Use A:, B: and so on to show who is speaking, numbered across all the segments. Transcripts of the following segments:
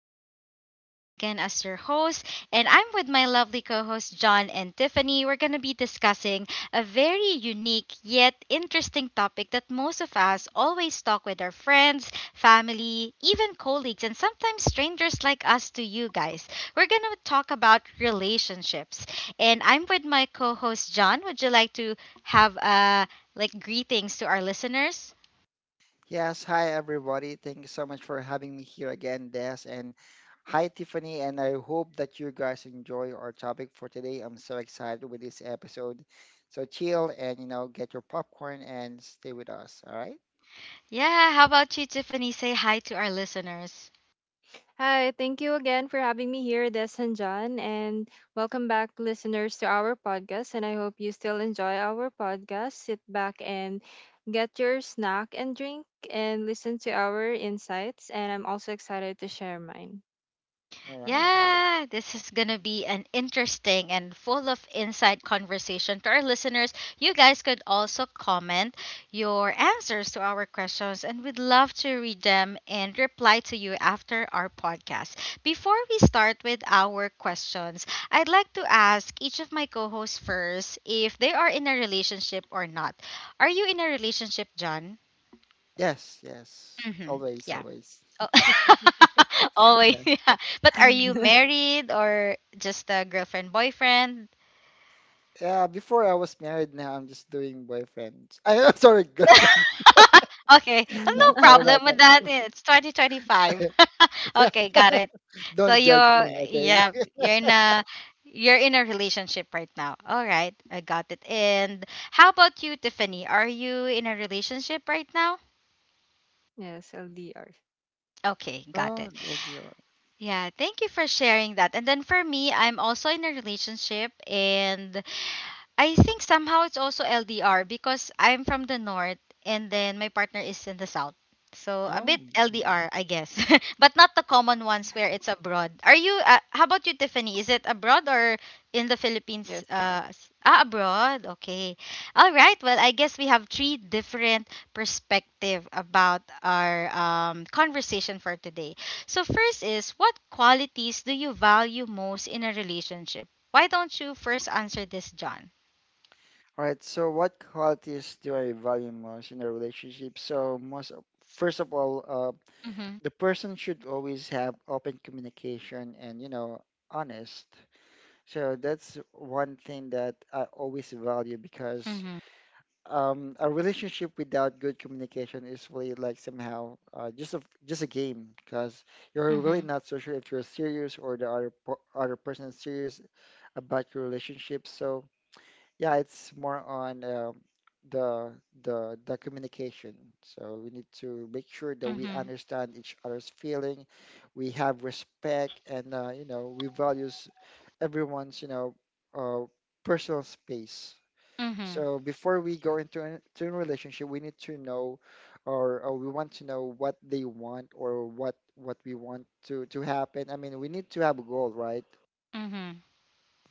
A: listeners. I'm back again as your host, and I'm with my lovely co hosts, John and Tiffany. We're going to be discussing a very unique yet interesting topic that most of us always talk with our friends, family, even colleagues, and sometimes strangers like us to you guys. We're going to talk about relationships, and I'm with my co host, John. Would you like to have like greetings to our listeners?
B: Yes, hi everybody. Thank you so much for having me here again, Des. And hi, Tiffany. And I hope that you guys enjoy our topic for today. I'm so excited with this episode. So chill and, you know, get your popcorn and stay with us. All right?
A: Yeah, how about you, Tiffany? Say hi to our listeners.
C: Hi, thank you again for having me here, Des and John, and welcome back, listeners, to our podcast. And I hope you still enjoy our podcast. Sit back and get your snack and drink and listen to our insights. And I'm also excited to share mine.
B: All right.
A: Yeah, this is going to be an interesting and full of insight conversation to our listeners. You guys could also comment your answers to our questions, and we'd love to read them and reply to you after our podcast. Before we start with our questions, I'd like to ask each of my co hosts first if they are in a relationship or not. Are you in a relationship, John?
B: Yes, yes.
A: Mm-hmm.
B: Always,
A: Yeah.
B: always.
A: Oh, always,
B: Yeah.
A: yeah. But are you married or just a girlfriend, boyfriend?
B: Yeah, before I was married, now I'm just doing boyfriends. I, am sorry, girlfriend.
A: Okay, well, no
B: Sorry
A: problem
B: about
A: with
B: that.
A: that. It's 2025. Okay, got it. So
B: Don't judge me,
A: you're,
B: okay?
A: yeah, you're in a relationship right now. All right, I got it. And how about you, Tiffany? Are you in a relationship right now?
C: Yes, LDR.
A: Okay, got
B: Oh,
A: it.
B: oh dear.
A: Yeah, thank you for sharing that. And then for me, I'm also in a relationship, and I think somehow it's also LDR because I'm from the north and then my partner is in the south. So a bit
B: Oh.
A: LDR, I guess. But not the common ones where it's abroad. Are you how about you, Tiffany? Is it abroad or in the
C: Yes.
A: Philippines abroad? Okay. All right. Well, I guess we have three different perspective about our conversation for today. So first is, what qualities do you value most in a relationship? Why don't you first answer this, John?
B: All right, so what qualities do I value most in a relationship? So first of all,
A: Mhm.
B: the person should always have open communication and, you know, honest. So that's one thing that I always value because
A: Mhm.
B: a relationship without good communication is really like somehow just a game because you're really
A: Mhm.
B: not so sure if you're serious or the other person is serious about your relationship. So yeah, it's more on the the communication. So we need to make sure that we
A: Mhm.
B: understand each other's feeling, we have respect, and you know we values everyone's uh, personal space.
A: Mhm.
B: So before we go to a relationship, we need to know, or we want to know what they want or what we want to happen. I mean, we need to have a goal, right?
A: Mhm.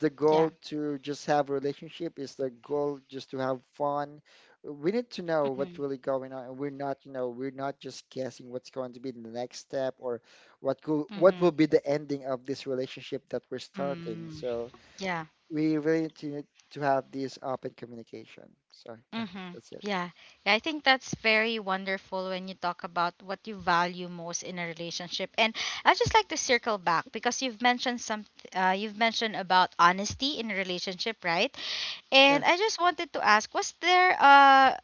B: The goal
A: Yeah.
B: to just have a relationship? Is the goal just to have fun? We need to know what's
A: Mhm.
B: really going on, and we're not, you know, we're not just guessing what's going to be the next step or
A: Mhm.
B: what will be the ending of this relationship that we're starting.
A: Mm.
B: So
A: Yeah.
B: we really need to have this open communication. So yeah,
A: Mhm.
B: that's it.
A: Yeah. Yeah, I think that's very wonderful when you talk about what you value most in a relationship. And I'd just like to circle back because you've mentioned some you've mentioned about honesty in a relationship, right?
B: Yeah,
A: And I just wanted to ask, was there uh,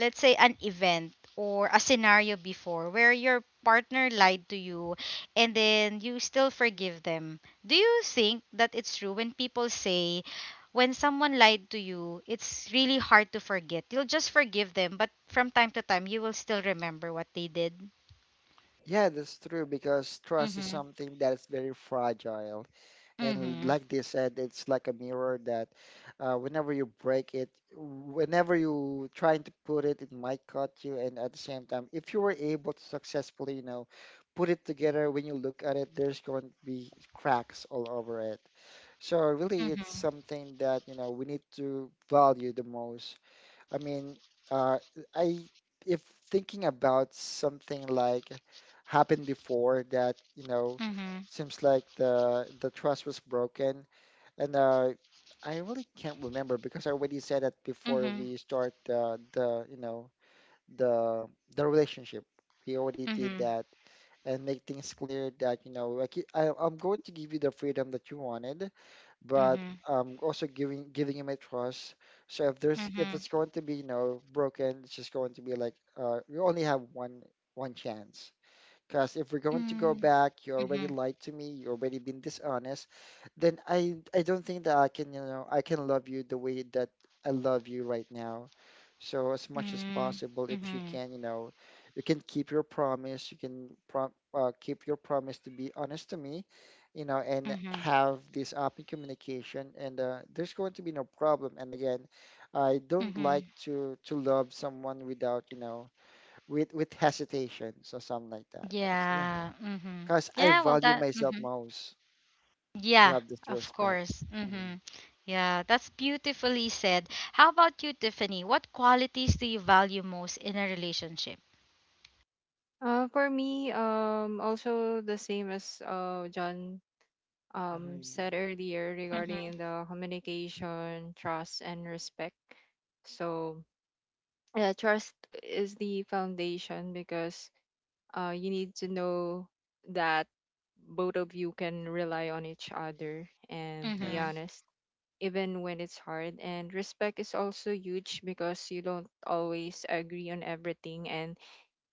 A: let's say, an event or a scenario before where your partner lied to you, and then you still forgive them. Do you think that it's true when people say, when someone lied to you, it's really hard to forget? You'll just forgive them, but from time to time you will still remember what they did.
B: yeah, that's true because trust is
A: Mhm.
B: something that is very fragile. And
A: Mhm.
B: like they said, it's like a mirror that whenever you break it, whenever you trying to put it, it might cut you. And at the same time, if you were able to successfully, you know, put it together, when you look at it, there's going to be cracks all over it. So really, it's
A: Mhm.
B: something that, you know, we need to value the most. I mean, uh, I if thinking about something like happened before that, you know,
A: Mhm.
B: seems like the trust was broken, and I really can't remember because I already said that before
A: Mhm.
B: we start the you know the the relationship. We already did
A: Mhm.
B: that and make things clear that you know like I'm going to give you the freedom that you wanted,
A: Mhm.
B: but
A: Mhm.
B: I'm also giving you my trust. So if there's, if
A: Mhm.
B: it's going to be you know broken, it's just going to be like you only have one chance. Because if we're going to go back, you already
A: Mhm.
B: lied to me, you already been dishonest, then I don't think that I can, you know, I can love you the way that I love you right now. So as much as
A: Mm.
B: possible, if you
A: Mhm.
B: can, you know, you can keep your promise, you can prom keep your promise to be honest to me, you know, and
A: Mhm.
B: have this open communication, and there's going to be no problem. And again, I don't
A: Mhm.
B: like to love someone without, you know, with hesitation, so something like that. So yeah,
A: Yeah. Mm-hmm.
B: because
A: Yeah,
B: I
A: well that,
B: value
A: mm-hmm.
B: myself most
A: Yeah,
B: to have this
A: of
B: respect.
A: course. Mm-hmm.
B: hmm
A: Yeah, that's beautifully said. How about you, Tiffany? What qualities do you value most in a relationship?
C: For me, also the same as John
B: hmm
C: said earlier
A: Mm-hmm.
C: regarding the communication, trust, and respect. So yeah, trust is the foundation because you need to know that both of you can rely on each other and be
A: Mm-hmm.
B: Yes,
C: honest, even when it's hard. And respect is also huge because you don't always agree on everything. And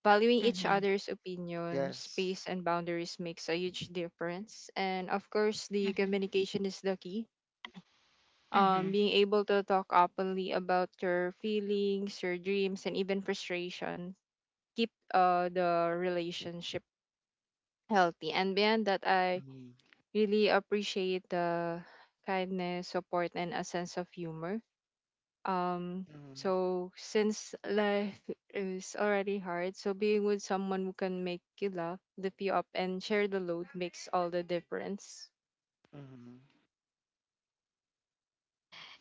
C: valuing each
A: Mm-hmm.
C: other's opinion,
B: yes.
C: space, and boundaries makes a huge difference. And of course, the
A: Mm-hmm.
C: communication is the key,
A: Mm-hmm.
C: being able to talk openly about your feelings, your dreams, and even frustration keep the relationship healthy. And beyond that, I
B: hmm
C: really appreciate the kindness, support, and a sense of humor. Um,
B: hmm
C: so since life is already hard, so being with someone who can make you laugh, lift you up, and share the load makes all the difference.
B: hmm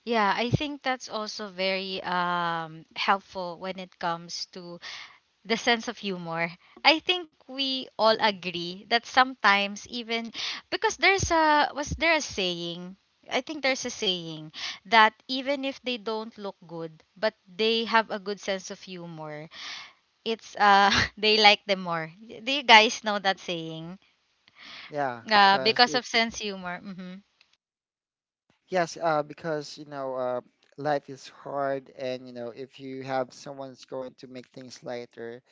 A: Yeah, I think that's also very helpful when it comes to the sense of humor. I think we all
B: hmm
A: agree that sometimes even, because there's a, was there a saying, I think there's a saying that even if they don't look good but they have a good sense of humor, it's they like them more. Do you guys know that saying?
B: Yeah,
A: Uh,
B: because
A: because of
B: it's
A: sense humor. Mhm.
B: yes, because you know, life is hard, and you know, if you have someone's going to make things lighter.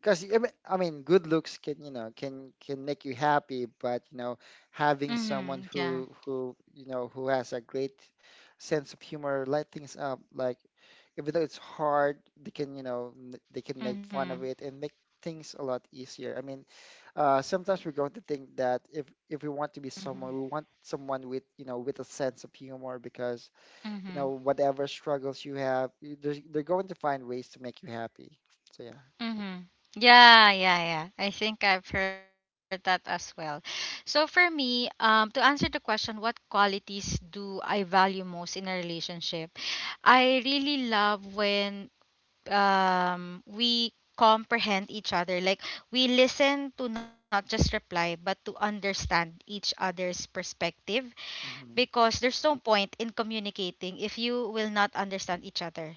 B: Because I mean, good looks can, you know, can make you happy, but you know, having someone
A: Mhm. Yeah.
B: who you know who has a great sense of humor, light things up, like even though it's hard, they can, you know, they can make fun
A: Mhm.
B: of it and make things a lot easier. I mean, sometimes we're going to think that if we want to be
A: Mhm.
B: someone, we want someone with, you know, with a sense of humor because, you know,
A: Mhm.
B: whatever struggles you have, they're going to find ways to make you happy. So yeah.
A: Mm-hmm. Yeah, yeah, yeah. I think I've heard that as well. So for me, to answer the question, what qualities do I value most in a relationship? I really love when we comprehend each other. Like, we listen to not just reply, but to understand each other's perspective.
B: Mm-hmm.
A: Because there's no point in communicating if you will not understand each other.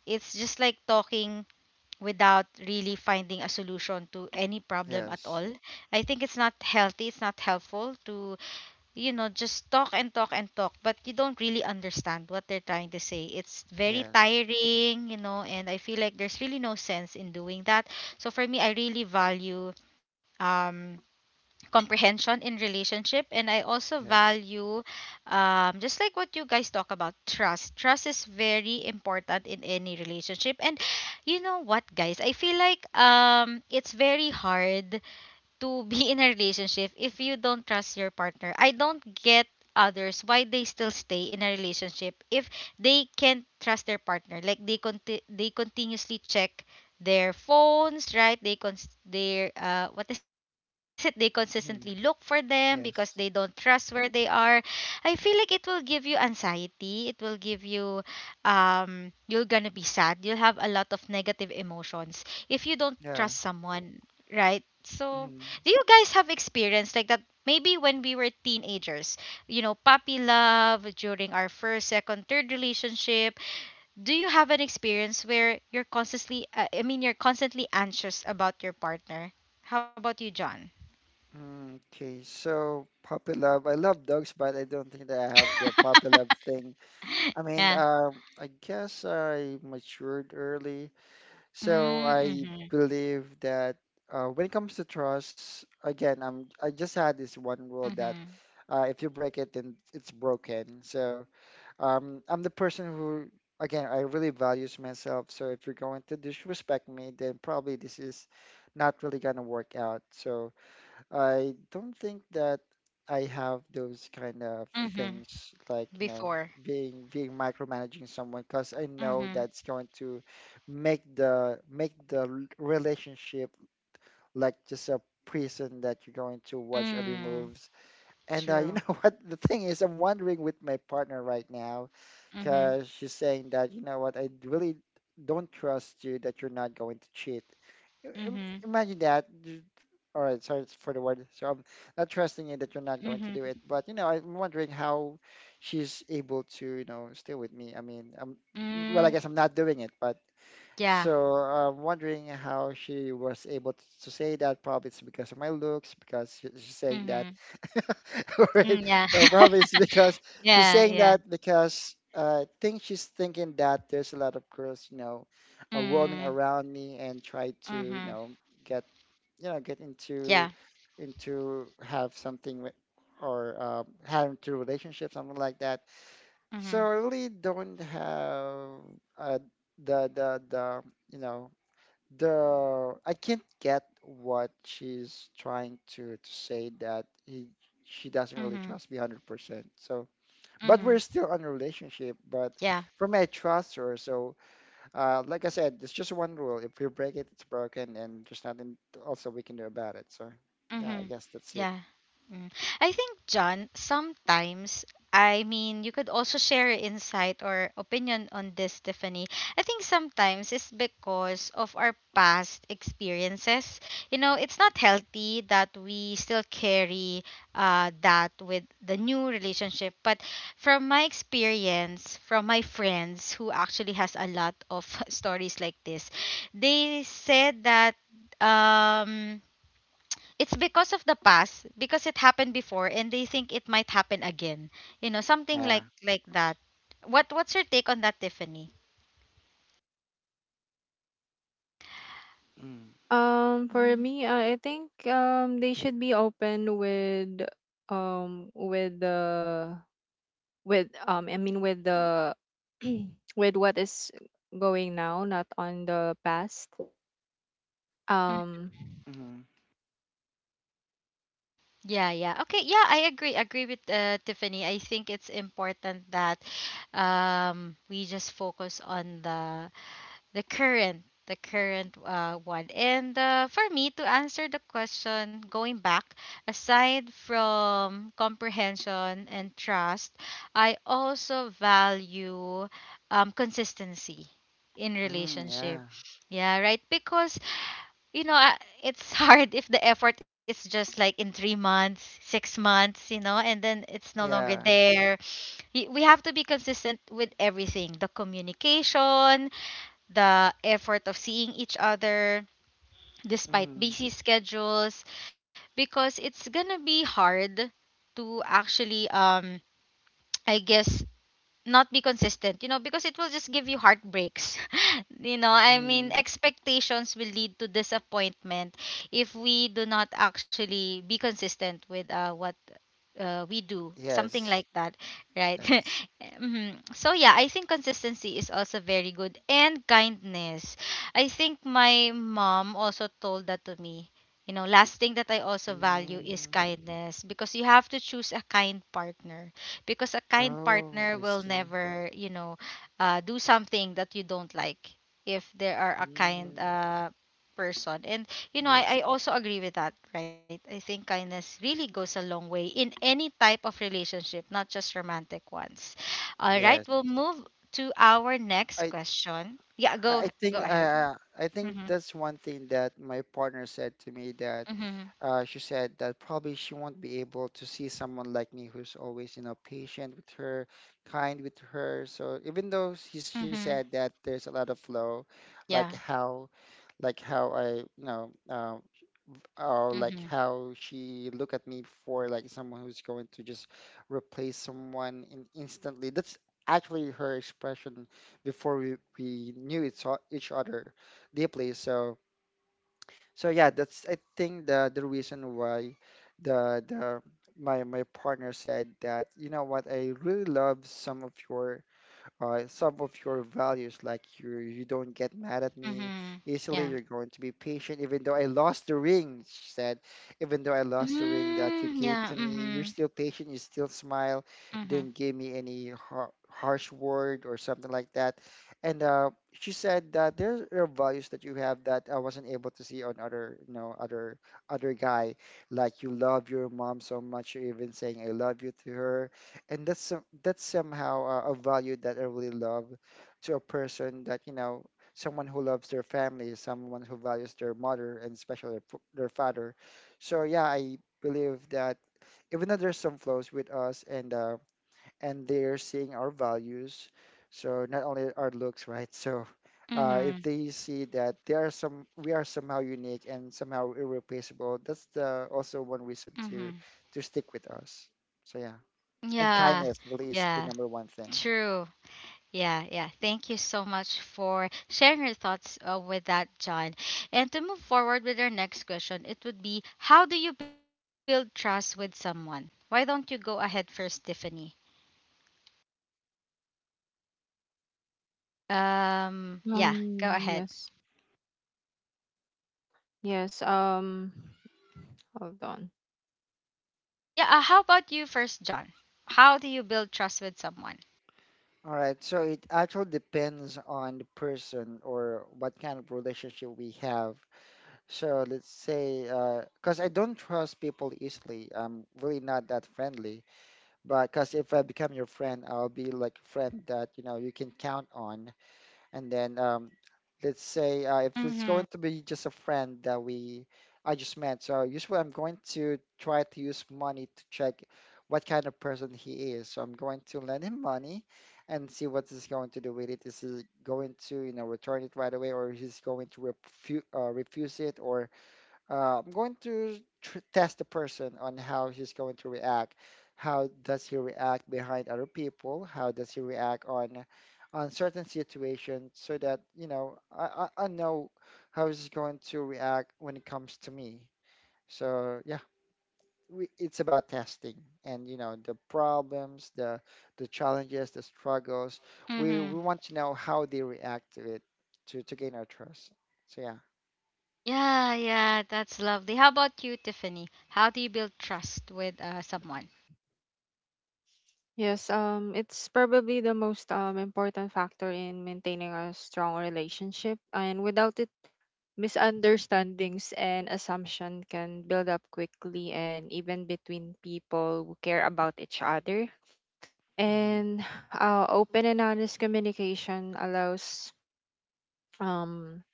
A: It's just like talking without really finding a solution to any problem at
B: Yes,
A: all. I think it's not healthy, it's not helpful to, you know, just talk and talk and talk, but you don't really understand what they're trying to say. It's very
B: yes,
A: tiring, you know, and I feel like there's really no sense in doing that. So for me, I really value um comprehension in relationship, and I also
B: yes,
A: value just like what you guys talk about, trust is very important in any relationship. And you know what, guys, I feel like it's very hard to be in a relationship if you don't trust your partner. I don't get others why they still stay in a relationship if they can't trust their partner. Like, they they continuously check their phones, right? They cons- they what is it? They consistently look for
B: mm,
A: them because they don't trust
B: yes,
A: where they are. I feel like it will give you anxiety. It will give you um, you're gonna be sad. You'll have a lot of negative emotions if you don't trust
B: yeah.
A: someone, right? So,
B: Mm,
A: do you guys have experience like that? Maybe when we were teenagers, you know, puppy love during our first, second, third relationship. Do you have an experience where you're constantly, I mean, you're constantly anxious about your partner? How about you, John?
B: mm, okay, so puppy love. I love dogs, but I don't think that I have the puppy love thing. I mean,
A: Yeah.
B: I guess I matured early, so
A: Mm.
B: I
A: Mm-hmm.
B: believe that when it comes to trust, again, I just had this one rule that
A: Mm-hmm.
B: if you break it, then it's broken. So I'm the person who, again, I really values myself. So if you're going to disrespect me, then probably this is not really gonna work out. So I don't think that I have those kind of
A: Mm-hmm.
B: things like, you know,
A: Before.
B: being micromanaging someone because I know
A: Mm-hmm.
B: that's going to make the relationship like just a prison that you're going to watch every
A: Mm.
B: moves. And you
A: True.
B: know what? The thing is, I'm wondering with my partner right now
A: Mm-hmm.
B: because she's saying that, you know what, I really don't trust you that you're not going to cheat. Im-
A: Mm-hmm.
B: Imagine that. All right, sorry for the word. So I'm not trusting you that you're not going to do it.
A: Mm-hmm.
B: But, you know, I'm wondering how she's able to, you know, stay with me. I mean, I well, I
A: Mm.
B: guess I'm not doing it, but so
A: Yeah.
B: I'm wondering how she was able to say that. Probably it's because of my looks, because she's saying that.
A: Mm-hmm.
B: Alright,
A: Mm, yeah.
B: so probably it's because she's
A: Yeah,
B: saying
A: yeah.
B: that because I think she's thinking that there's a lot of girls, you know, are roaming
A: Mm,
B: around me and try to, you
A: mhm.
B: know, get, you know, get
A: Yeah.
B: into have something with, or have into relationship, something like that. So
A: Mhm.
B: I really don't have uh, the you know the I can't get what she's trying to say that he she doesn't
A: Mhm.
B: really trust me 100%. So, but
A: Mhm.
B: we're still on a relationship. But
A: Yeah.
B: for me, I trust her. So, like I said, it's just one rule. If you break it, it's broken, and there's nothing also we can do about it. So, yeah, I
A: Mm-hmm.
B: guess that's it.
A: Yeah. Mm. I think, John, sometimes, I mean, you could also share your insight or opinion on this, Tiffany. I think sometimes it's because of our past experiences. You know, it's not healthy that we still carry that with the new relationship. But from my experience, from my friends who actually has a lot of stories like this, they said that. Um, it's because of the past, because it happened before and they think it might happen again, you know, something like
B: Yeah.
A: like that. What what's your take on that, Tiffany?
B: Mm,
C: For
A: Mhm.
C: me, I think they should be open with the with I mean with the with what is going now, not on the past.
A: Mm.
C: Um
B: mm,
A: Yeah, yeah. Okay, yeah, I agree. Agree with Tiffany. I think it's important that we just focus on the current one. And for me to answer the question, going back, aside from comprehension and trust, I also value consistency in
B: mm,
A: relationship.
B: yeah.
A: Yeah, right, because, you know, I- it's hard if the effort is just like in 3 months, 6 months, you know, and then it's no longer
B: Yeah.
A: there. Y- we have to be consistent with everything: the communication, the effort of seeing each other despite
B: Mm,
A: busy schedules, because it's gonna be hard to actually um, I guess, not be consistent, you know, because it will just give you heartbreaks. You know, I mean,
B: mm.
A: expectations will lead to disappointment if we do not actually be consistent with what we do, something like
B: Yes,
A: that, right?
B: yes.
A: Mhm. So yeah, I think consistency is also very good. And kindness, I think my mom also told that to me. You know, last thing that I also value is
B: Mm.
A: kindness, because you have to choose a kind partner, because a kind
B: Oh,
A: partner
B: I
A: will
B: see.
A: never, you know, do something that you don't like if they are a kind
B: Mm.
A: person. And you know,
B: Yes,
A: I also agree with that, right? I think kindness really goes a long way in any type of relationship, not just romantic ones. All right,
B: yes.
A: we'll move to our
B: I
A: next question. Yeah, go
B: I
A: go
B: think
A: ahead.
B: I think
A: Mm-hmm.
B: that's one thing that my partner said to me that
A: Mm-hmm.
B: she said that probably she won't be able to see someone like me who's always you know patient with her, kind with her. So even though she
A: Mm-hmm.
B: said that there's a lot of flow, like
A: Yeah.
B: how like how I you know like
A: Mm-hmm.
B: how she look at me for like someone who's going to just replace someone in instantly. That's actually her expression before we knew each other deeply. So so yeah, that's I think the reason why the my my partner said that you know what I really love some of your values, like you don't get mad at me
A: Mm-hmm.
B: easily. You're
A: Yeah.
B: going to be patient, even though I lost the ring. She said, even though I lost the ring that you
A: Mm,
B: gave to
A: yeah.
B: me, you're
A: Mm-hmm.
B: still patient. You still smile. You didn't
A: Mm-hmm.
B: give me any harsh word or something like that. And she said that there are values that you have that I wasn't able to see on other, you know, other guy. Like you love your mom so much. You're even saying I love you to her, and that's that's somehow a value that I really love to a person that you know someone who loves their family, someone who values their mother and especially their father. So yeah, I believe that even though there's some flaws with us and they're seeing our values, so not only our looks, right? So. If
A: Mm-hmm.
B: they see that there are some, we are somehow unique and somehow irreplaceable. That's the also one
A: Mm-hmm.
B: reason to stick with us. So yeah.
A: Yeah.
B: And kindness really
A: Yeah.
B: is the number one thing.
A: True. Yeah, yeah. Thank you so much for sharing your thoughts with that, John. And to move forward with our next question, it would be, how do you build trust with someone? Why don't you go ahead first, Tiffany? Yeah, go ahead.
C: yes. Yes, um Hold on.
A: Yeah, how about you first, John? How do you build trust with someone?
B: All right, so it actually depends on the person or what kind of relationship we have. So let's say, because I don't trust people easily, I'm really not that friendly. But because if I become your friend, I'll be like a friend that you know you can count on. And then let's say if it's
A: Mhm.
B: going to be just a friend that we I just met, so usually I'm going to try to use money to check what kind of person he is. So I'm going to lend him money and see what he's going to do with it. Is he going to, you know, return it right away, or he's going to refuse it, or I'm going to tr test the person on how he's going to react. How does he react behind other people? How does he react on certain situations so that, you know, I know how he's going to react when it comes to me. So yeah, it's about testing and you know the problems, the challenges, the struggles. We
A: Mhm.
B: we want to know how they react to it to gain our trust. So yeah.
A: Yeah, yeah, that's lovely. How about you, Tiffany? How do you build trust with someone?
C: Yes, it's probably the most important factor in maintaining a strong relationship, and without it, misunderstandings and assumption can build up quickly, and even between people who care about each other.
B: Mm-hmm.
C: And open and honest communication allows um,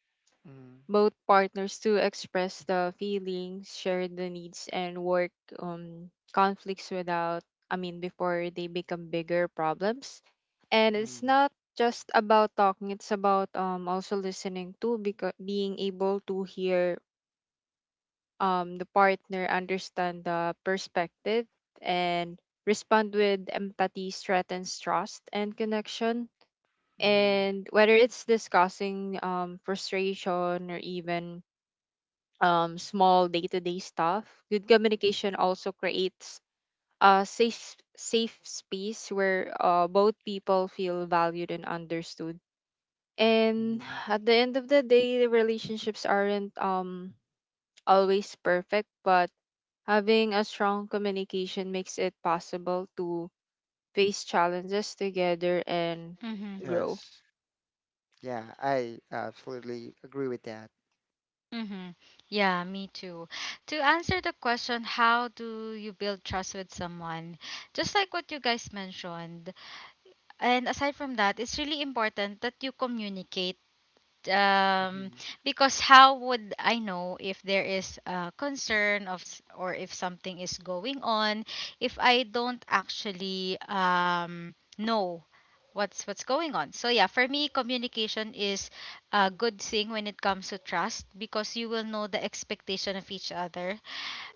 C: both partners to express the feelings, share the needs, and work on conflicts without, I mean, before they become bigger problems. And it's
B: Mm-hmm.
C: not just about talking, it's about also listening too, because being able to hear the partner, understand the perspective and respond with empathy strengthens trust and connection.
B: Mm-hmm.
C: And whether it's discussing frustration or even small day-to-day stuff, good communication also creates a safe space where both people feel valued and understood. And
B: Mhm.
C: at the end of the day, the relationships aren't always perfect, but having a strong communication makes it possible to face challenges together and
A: Mhm.
C: grow.
B: Yes. Yeah, I absolutely agree with that.
A: Mm-hmm. Yeah, me too. To answer the question, how do you build trust with someone? Just like what you guys mentioned. And aside from that, it's really important that you communicate um,
B: Hmm.
A: because how would I know if there is a concern of s- or if something is going on if I don't actually know what's going on. So yeah, for me, communication is a good thing when it comes to trust, because you will know the expectation of each other.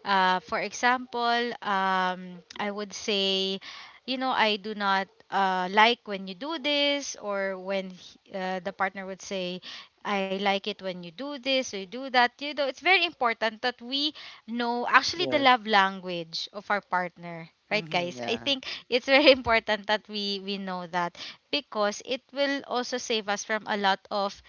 A: Uh, for example, I would say, you know, I do not like when you do this, or when he- the partner would say, I like it when you do this or you do that. You know, it's very important that we know actually the
B: Yes.
A: love language of our partner. Right,
B: Hmm.
A: guys? I
B: Yeah.
A: think it's very important that we know that because it will also save us from a lot of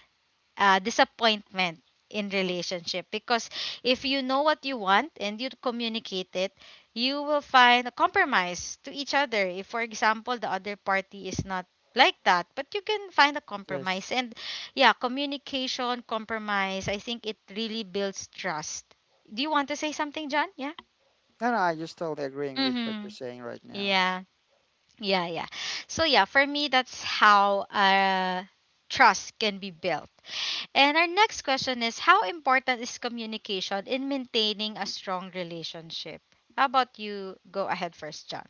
A: disappointment in relationship because if you know what you want and you communicate it, you will find a compromise to each other. If for example the other party is not like that, but you can find a compromise.
B: Yes.
A: And yeah, communication, compromise, I think it really builds trust. Do you want to say something, John? Yeah.
B: No, no, I just totally agreeing with what you're
A: Mm-hmm.
B: saying right now.
A: Yeah. Yeah, yeah. So, for me that's how trust can be built. And our next question is, how important is communication in maintaining a strong relationship? How about you go ahead first, John?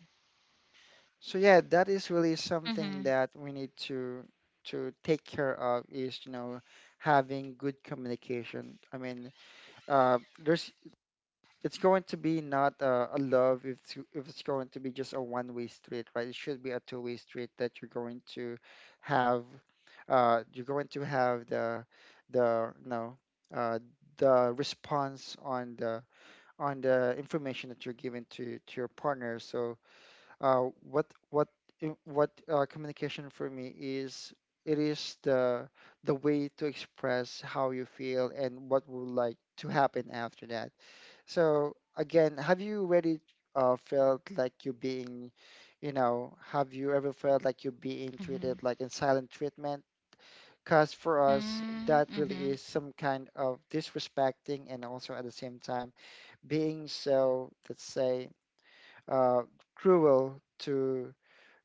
B: So yeah, that is really something
A: Mm-hmm.
B: that we need to take care of is, you know, having good communication. I mean, there's it's going to be not a love if it's going to be just a one-way street, right? It should be a two-way street that you're going to have, you're going to have the no, uh, the response on the information that you're giving to your partner. So, what I- what communication for me is it is the way to express how you feel and what would like to happen after that. So again, have you really felt like you being, you know, have you ever felt like you being treated
A: Mm-hmm.
B: like in silent treatment? Because for us, that really
A: Mm-hmm.
B: is some kind of disrespecting, and also at the same time being so, let's say, uh, cruel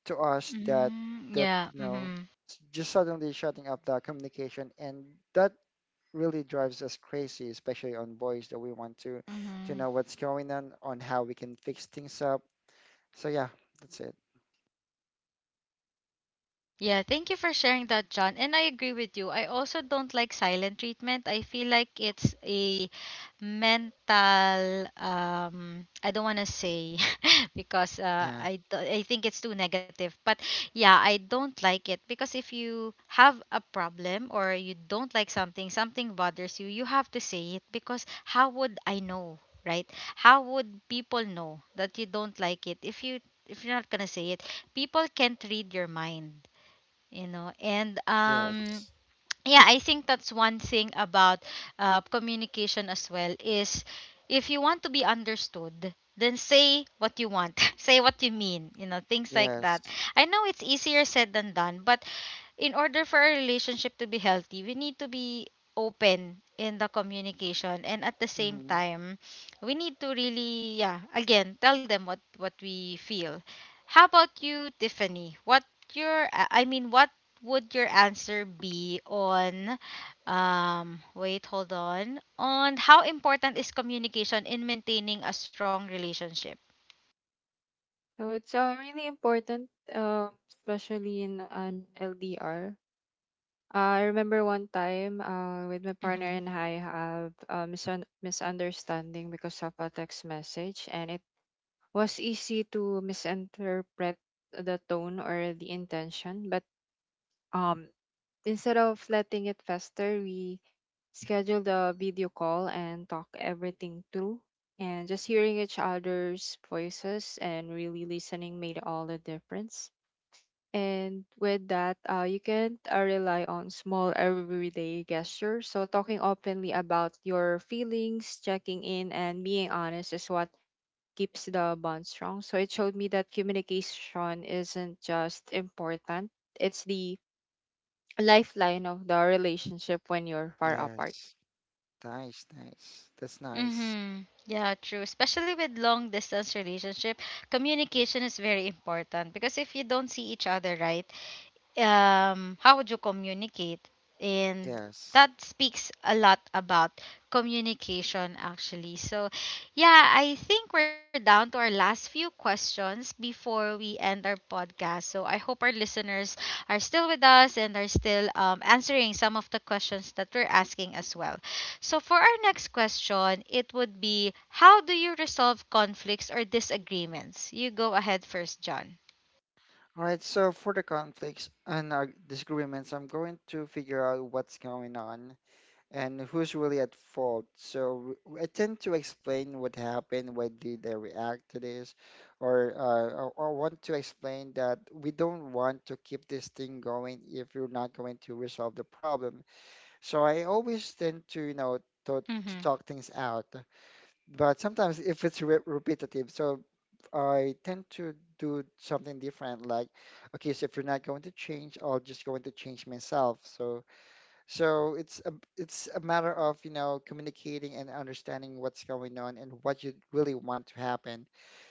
B: to us that
A: Mm-hmm.
B: that
A: Yeah.
B: you know
A: Mm-hmm.
B: just suddenly shutting up the communication, and that really drives us crazy, especially on boys, that we want to know what's going on how we can fix things up. So yeah, that's it.
A: Yeah, thank you for sharing that, John. And I agree with you. I also don't like silent treatment. I feel like it's a mental I don't want to say because
B: Yeah.
A: I think it's too negative. But yeah, I don't like it because if you have a problem or you don't like something, something bothers you, you have to say it, because how would I know, right? How would people know that you don't like it if you're not going to say it? People can't read your mind, and
B: Yes.
A: yeah, I think that's one thing about communication as well is, if you want to be understood, then say what you want, say what you mean, things like that.
B: Yes.
A: I know it's easier said than done, but in order for a relationship to be healthy, we need to be open in the communication, and at the same
B: Hmm.
A: time we need to really, yeah, again, tell them what we feel. How about you, Tiffany? What your I mean what would your answer be on wait, hold on. On how important is communication in maintaining a strong relationship?
C: So it's really important, especially in an LDR. I remember one time with my partner
A: Mhm.
C: and I have a misunderstanding because of a text message, and it was easy to misinterpret the tone or the intention. But um, instead of letting it fester, we scheduled a video call and talk everything through. And just hearing each other's voices and really listening made all the difference. And with that, you can rely on small everyday gestures. So talking openly about your feelings, checking in, and being honest is what keeps the bond strong. So it showed me that communication isn't just important, it's the lifeline of the relationship when you're far apart.
B: Yes. Nice, nice. That's nice.
A: Mhm. Yeah, true. Especially with long distance relationship, communication is very important because if you don't see each other, right? How would you communicate? And
B: Yes.
A: that speaks a lot about communication, actually. So yeah, I think we're down to our last few questions before we end our podcast. So, I hope our listeners are still with us and are still answering some of the questions that we're asking as well. So, for our next question, it would be, how do you resolve conflicts or disagreements? You go ahead first, John.
B: All right, so for the conflicts and our disagreements, I'm going to figure out what's going on and who's really at fault. So I tend to explain what happened, why did I react to this, or or want to explain that we don't want to keep this thing going if you're not going to resolve the problem. So I always tend to, you know,
A: Mm
B: to
A: hmm.
B: talk things out, but sometimes if it's re repetitive, so I tend to do something different, like okay, so if you're not going to change, I'll just going to change myself. So it's a matter of, you know, communicating and understanding what's going on and what you really want to happen.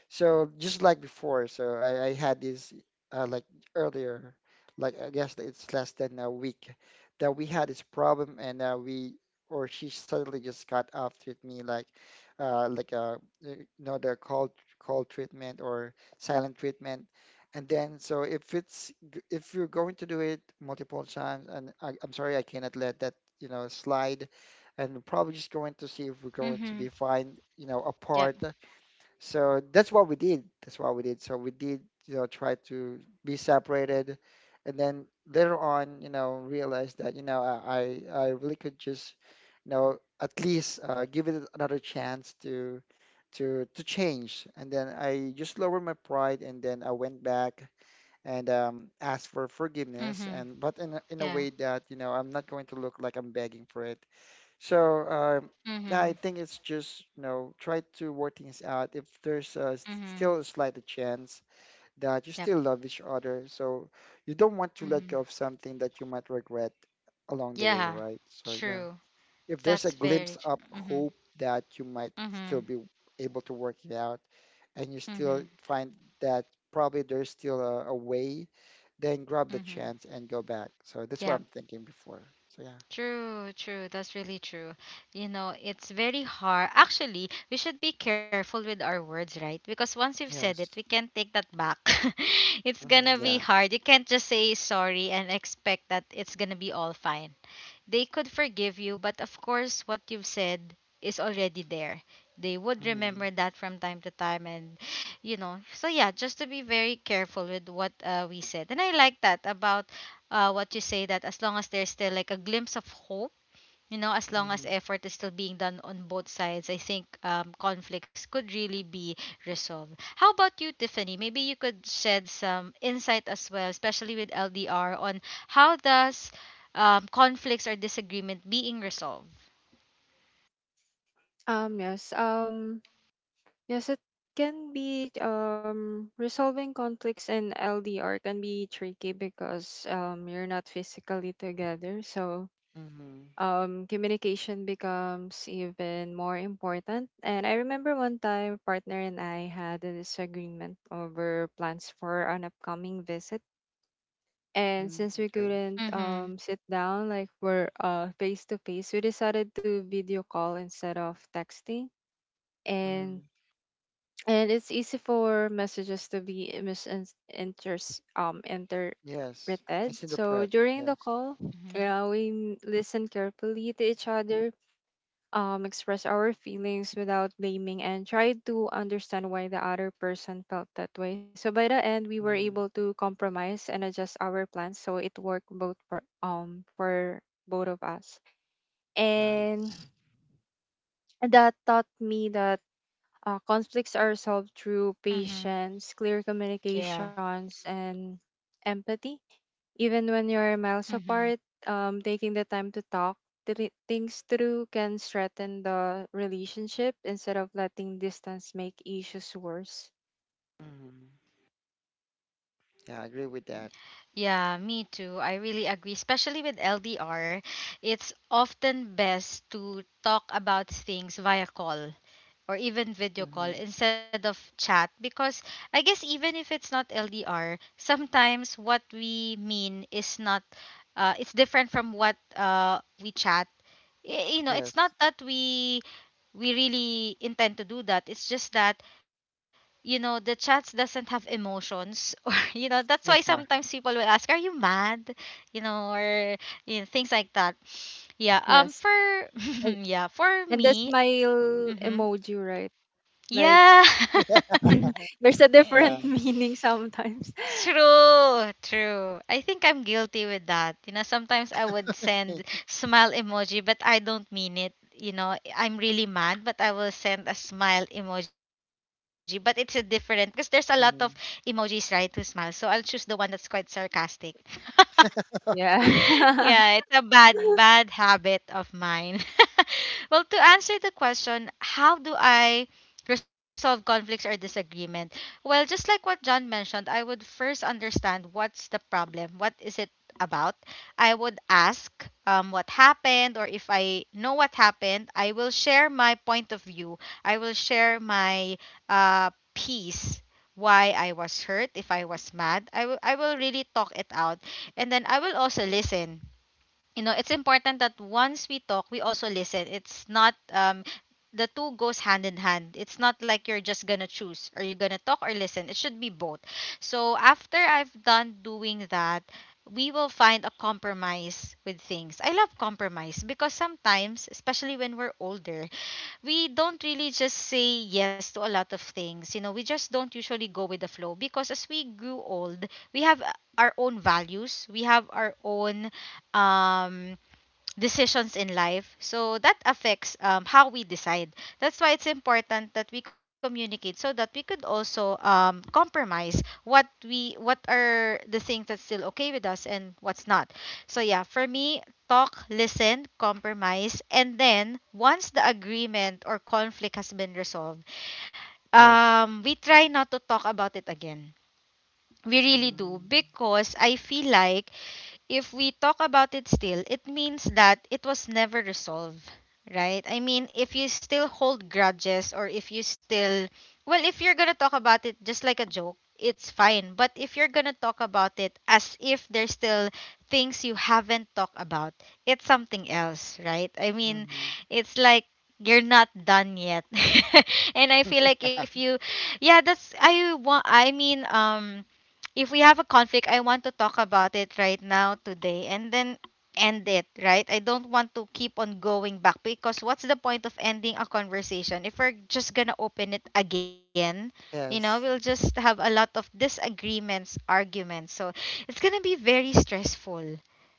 B: So just like before, so I had this like earlier, like I guess it's less than a week that we had this problem, and we or she suddenly just got off with me, like, uh, like uh, you know, the cold treatment, or silent treatment, and then so if it's g- if you're going to do it multiple times, and I'm sorry, I cannot let that, you know, slide, and we're probably just going to see if we're
A: Mm
B: going to
A: hmm.
B: be fine, you know,
A: Yep.
B: apart. So that's what we did. That's what we did. So we did, you know, try to be separated, and then later on, you know, realized that, you know, I really could just, you know, at least give it another chance to change. And then I just lowered my pride, and then I went back and asked for
A: Mm
B: forgiveness,
A: hmm.
B: and but in a
A: Yeah.
B: way that, you know, I'm not going to look like I'm begging for it. So yeah,
A: Mm-hmm.
B: I think it's just, you know, try to work things out. If there's
A: Mm-hmm.
B: still a slight chance that you
A: Yep.
B: still love each other, so you don't want to let
A: Mm-hmm.
B: go of something that you might regret along the way,
A: Yeah.
B: right? So yeah,
A: True.
B: if there's a
A: That's very
B: glimpse
A: true.
B: of
A: Mm-hmm.
B: hope that you might still
A: Mm-hmm.
B: be able to work it out, and you
A: Mm-hmm.
B: still find that probably there's still a way, then grab the
A: Mm-hmm.
B: chance and go back. So that's what
A: Yeah.
B: I'm thinking before. So yeah.
A: True, true. That's really true. You know, it's very hard. Actually, we should be careful with our words, right? Because once you've said it, we
B: Yes.
A: can't take that back. It's gonna
B: Mhm,
A: be
B: yeah.
A: hard. You can't just say sorry and expect that it's gonna be all fine. They could forgive you, but of course, what you've said is already there. They would
B: Mm-hmm.
A: remember that from time to time, and you know, so yeah, just to be very careful with what we said. And I like that about what you say, that as long as there's still like a glimpse of hope, you know, as long as
B: Mm-hmm.
A: effort is still being done on both sides, I think conflicts could really be resolved. How about you, Tiffany? Maybe you could shed some insight as well, especially with LDR, on how does conflicts or disagreement being resolved.
C: Um, yes. Um, Yes, it can be, resolving conflicts in LDR can be tricky because you're not physically together. So
B: Mm-hmm.
C: communication becomes even more important. And I remember one time a partner and I had a disagreement over plans for an upcoming visit. And
B: Hmm.
C: since we
B: Okay.
C: couldn't
A: Mm-hmm.
C: sit down like we're face to face, we decided to video call instead of texting. And
B: Mm-hmm.
C: and it's easy for messages to be misinterpreted
B: Yes.
C: interpreted, so
B: Misinterpret.
C: during the
B: Yes.
C: call,
A: Mm-hmm.
C: yeah, listen carefully to each other, express our feelings without blaming, and try to understand why the other person felt that way. So by the end, we were
B: Mm-hmm.
C: able to compromise and adjust our plans, so it worked both for both of us. And
B: Nice.
C: that taught me that conflicts are solved through
A: Mm-hmm.
C: patience, clear
A: Yeah.
C: communications, and empathy. Even when you're miles
A: Mm-hmm.
C: apart, taking the time to talk things through can strengthen the relationship instead of letting distance make issues worse.
B: Mm-hmm. Yeah, I agree with that.
A: Mm. Yeah, me too. I really agree, especially with LDR. It's often best to talk about things via call or even video
B: Mm-hmm.
A: call instead of chat, because I guess even if it's not LDR, sometimes what we mean is not it's different from what we chat. Y- You know, it's
B: Yes.
A: not that we really intend to do that. It's just that you know, the chat doesn't have emotions or you know, that's why
B: Yeah.
A: sometimes people will ask, are you mad, you know, or you know, things like that. Yeah.
C: Yes.
A: For
C: And,
A: yeah for
C: and the
A: me
C: smile
A: hmm
C: emoji, right? Like,
A: yeah
C: there's a different
B: Yeah.
C: meaning sometimes.
A: True, true. I think I'm guilty with that. You know, sometimes I would
B: Okay.
A: send smile emoji, but I don't mean it. You know, I'm really mad, but I will send a smile emoji. But it's a different because there's a lot of emojis,
B: Mm-hmm.
A: right, to smile. So I'll choose the one that's quite sarcastic.
B: Okay.
A: yeah,
C: Yeah.
A: it's a bad, bad habit of mine. Well, to answer the question, how do I resolve conflicts or disagreement? Well, just like what John mentioned, I would first understand what's the problem, what is it about. I would ask what happened, or if I know what happened, I will share my point of view. I will share my piece. Why I was hurt, if I was mad, I will really talk it out, and then I will also listen. You know, it's important that once we talk, we also listen. It's not the two goes hand in hand. It's not like you're just gonna choose. Are you gonna talk or listen? It should be both. So after I've done doing that, we will find a compromise with things. I love compromise because sometimes, especially when we're older, we don't really just say yes to a lot of things. You know, we just don't usually go with the flow, because as we grew old, we have our own values, we have our own um decisions in life. So that affects how we decide. That's why it's important that we communicate, so that we could also compromise what are the things that's still okay with us and what's not. So yeah, for me, talk, listen, compromise, and then once the agreement or conflict has been resolved,
B: Yes.
A: we try not to talk about it again. We really do,
B: Mm-hmm.
A: because I feel like if we talk about it still, it means that it was never resolved, right? I mean, if you still hold grudges, or if you still, well, if you're gonna talk about it just like a joke, it's fine. But if you're gonna talk about it as if there's still things you haven't talked about, it's something else, right? I mean,
B: Mm-hmm.
A: it's like you're not done yet. And I feel like if you, yeah, that's, I want, I mean, if we have a conflict, I want to talk about it right now, today, and then end it, right? I don't want to keep on going back, because what's the point of ending a conversation if we're just gonna open it again? You know, we'll
B: Yes.
A: just have a lot of disagreements, arguments. So it's gonna be very stressful,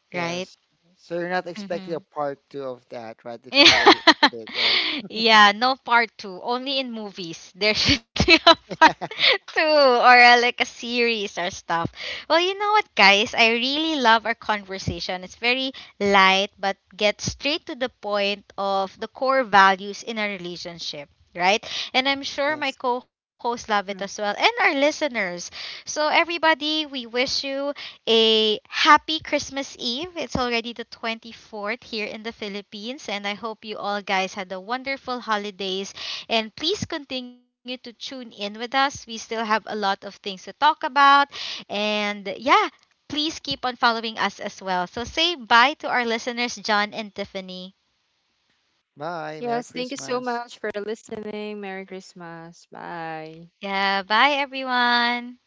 A: right?
B: Yes. So you're not expecting a
A: Mhm.
B: part two of that, right? If you already ended it, right?
A: Yeah, no part two. Only in movies. There should be a part two, or a, like a series or stuff. Well, you know what, guys? I really love our conversation. It's very light, but gets straight to the point of the core values in a relationship. Right? And I'm sure my
B: Yes.
A: co hosts love it as well, and
C: Mm.
A: our listeners. So, everybody, we wish you a happy Christmas Eve. It's already the 24th here in the Philippines, and I hope you all guys had a wonderful holidays. And please continue to tune in with us. We still have a lot of things to talk about. And yeah, please keep on following us as well. So say bye to our listeners, John and Tiffany.
B: Bye. Merry
C: Yes, thank you so
B: Christmas.
C: much for listening. Merry Christmas. Bye.
A: Yeah, bye everyone.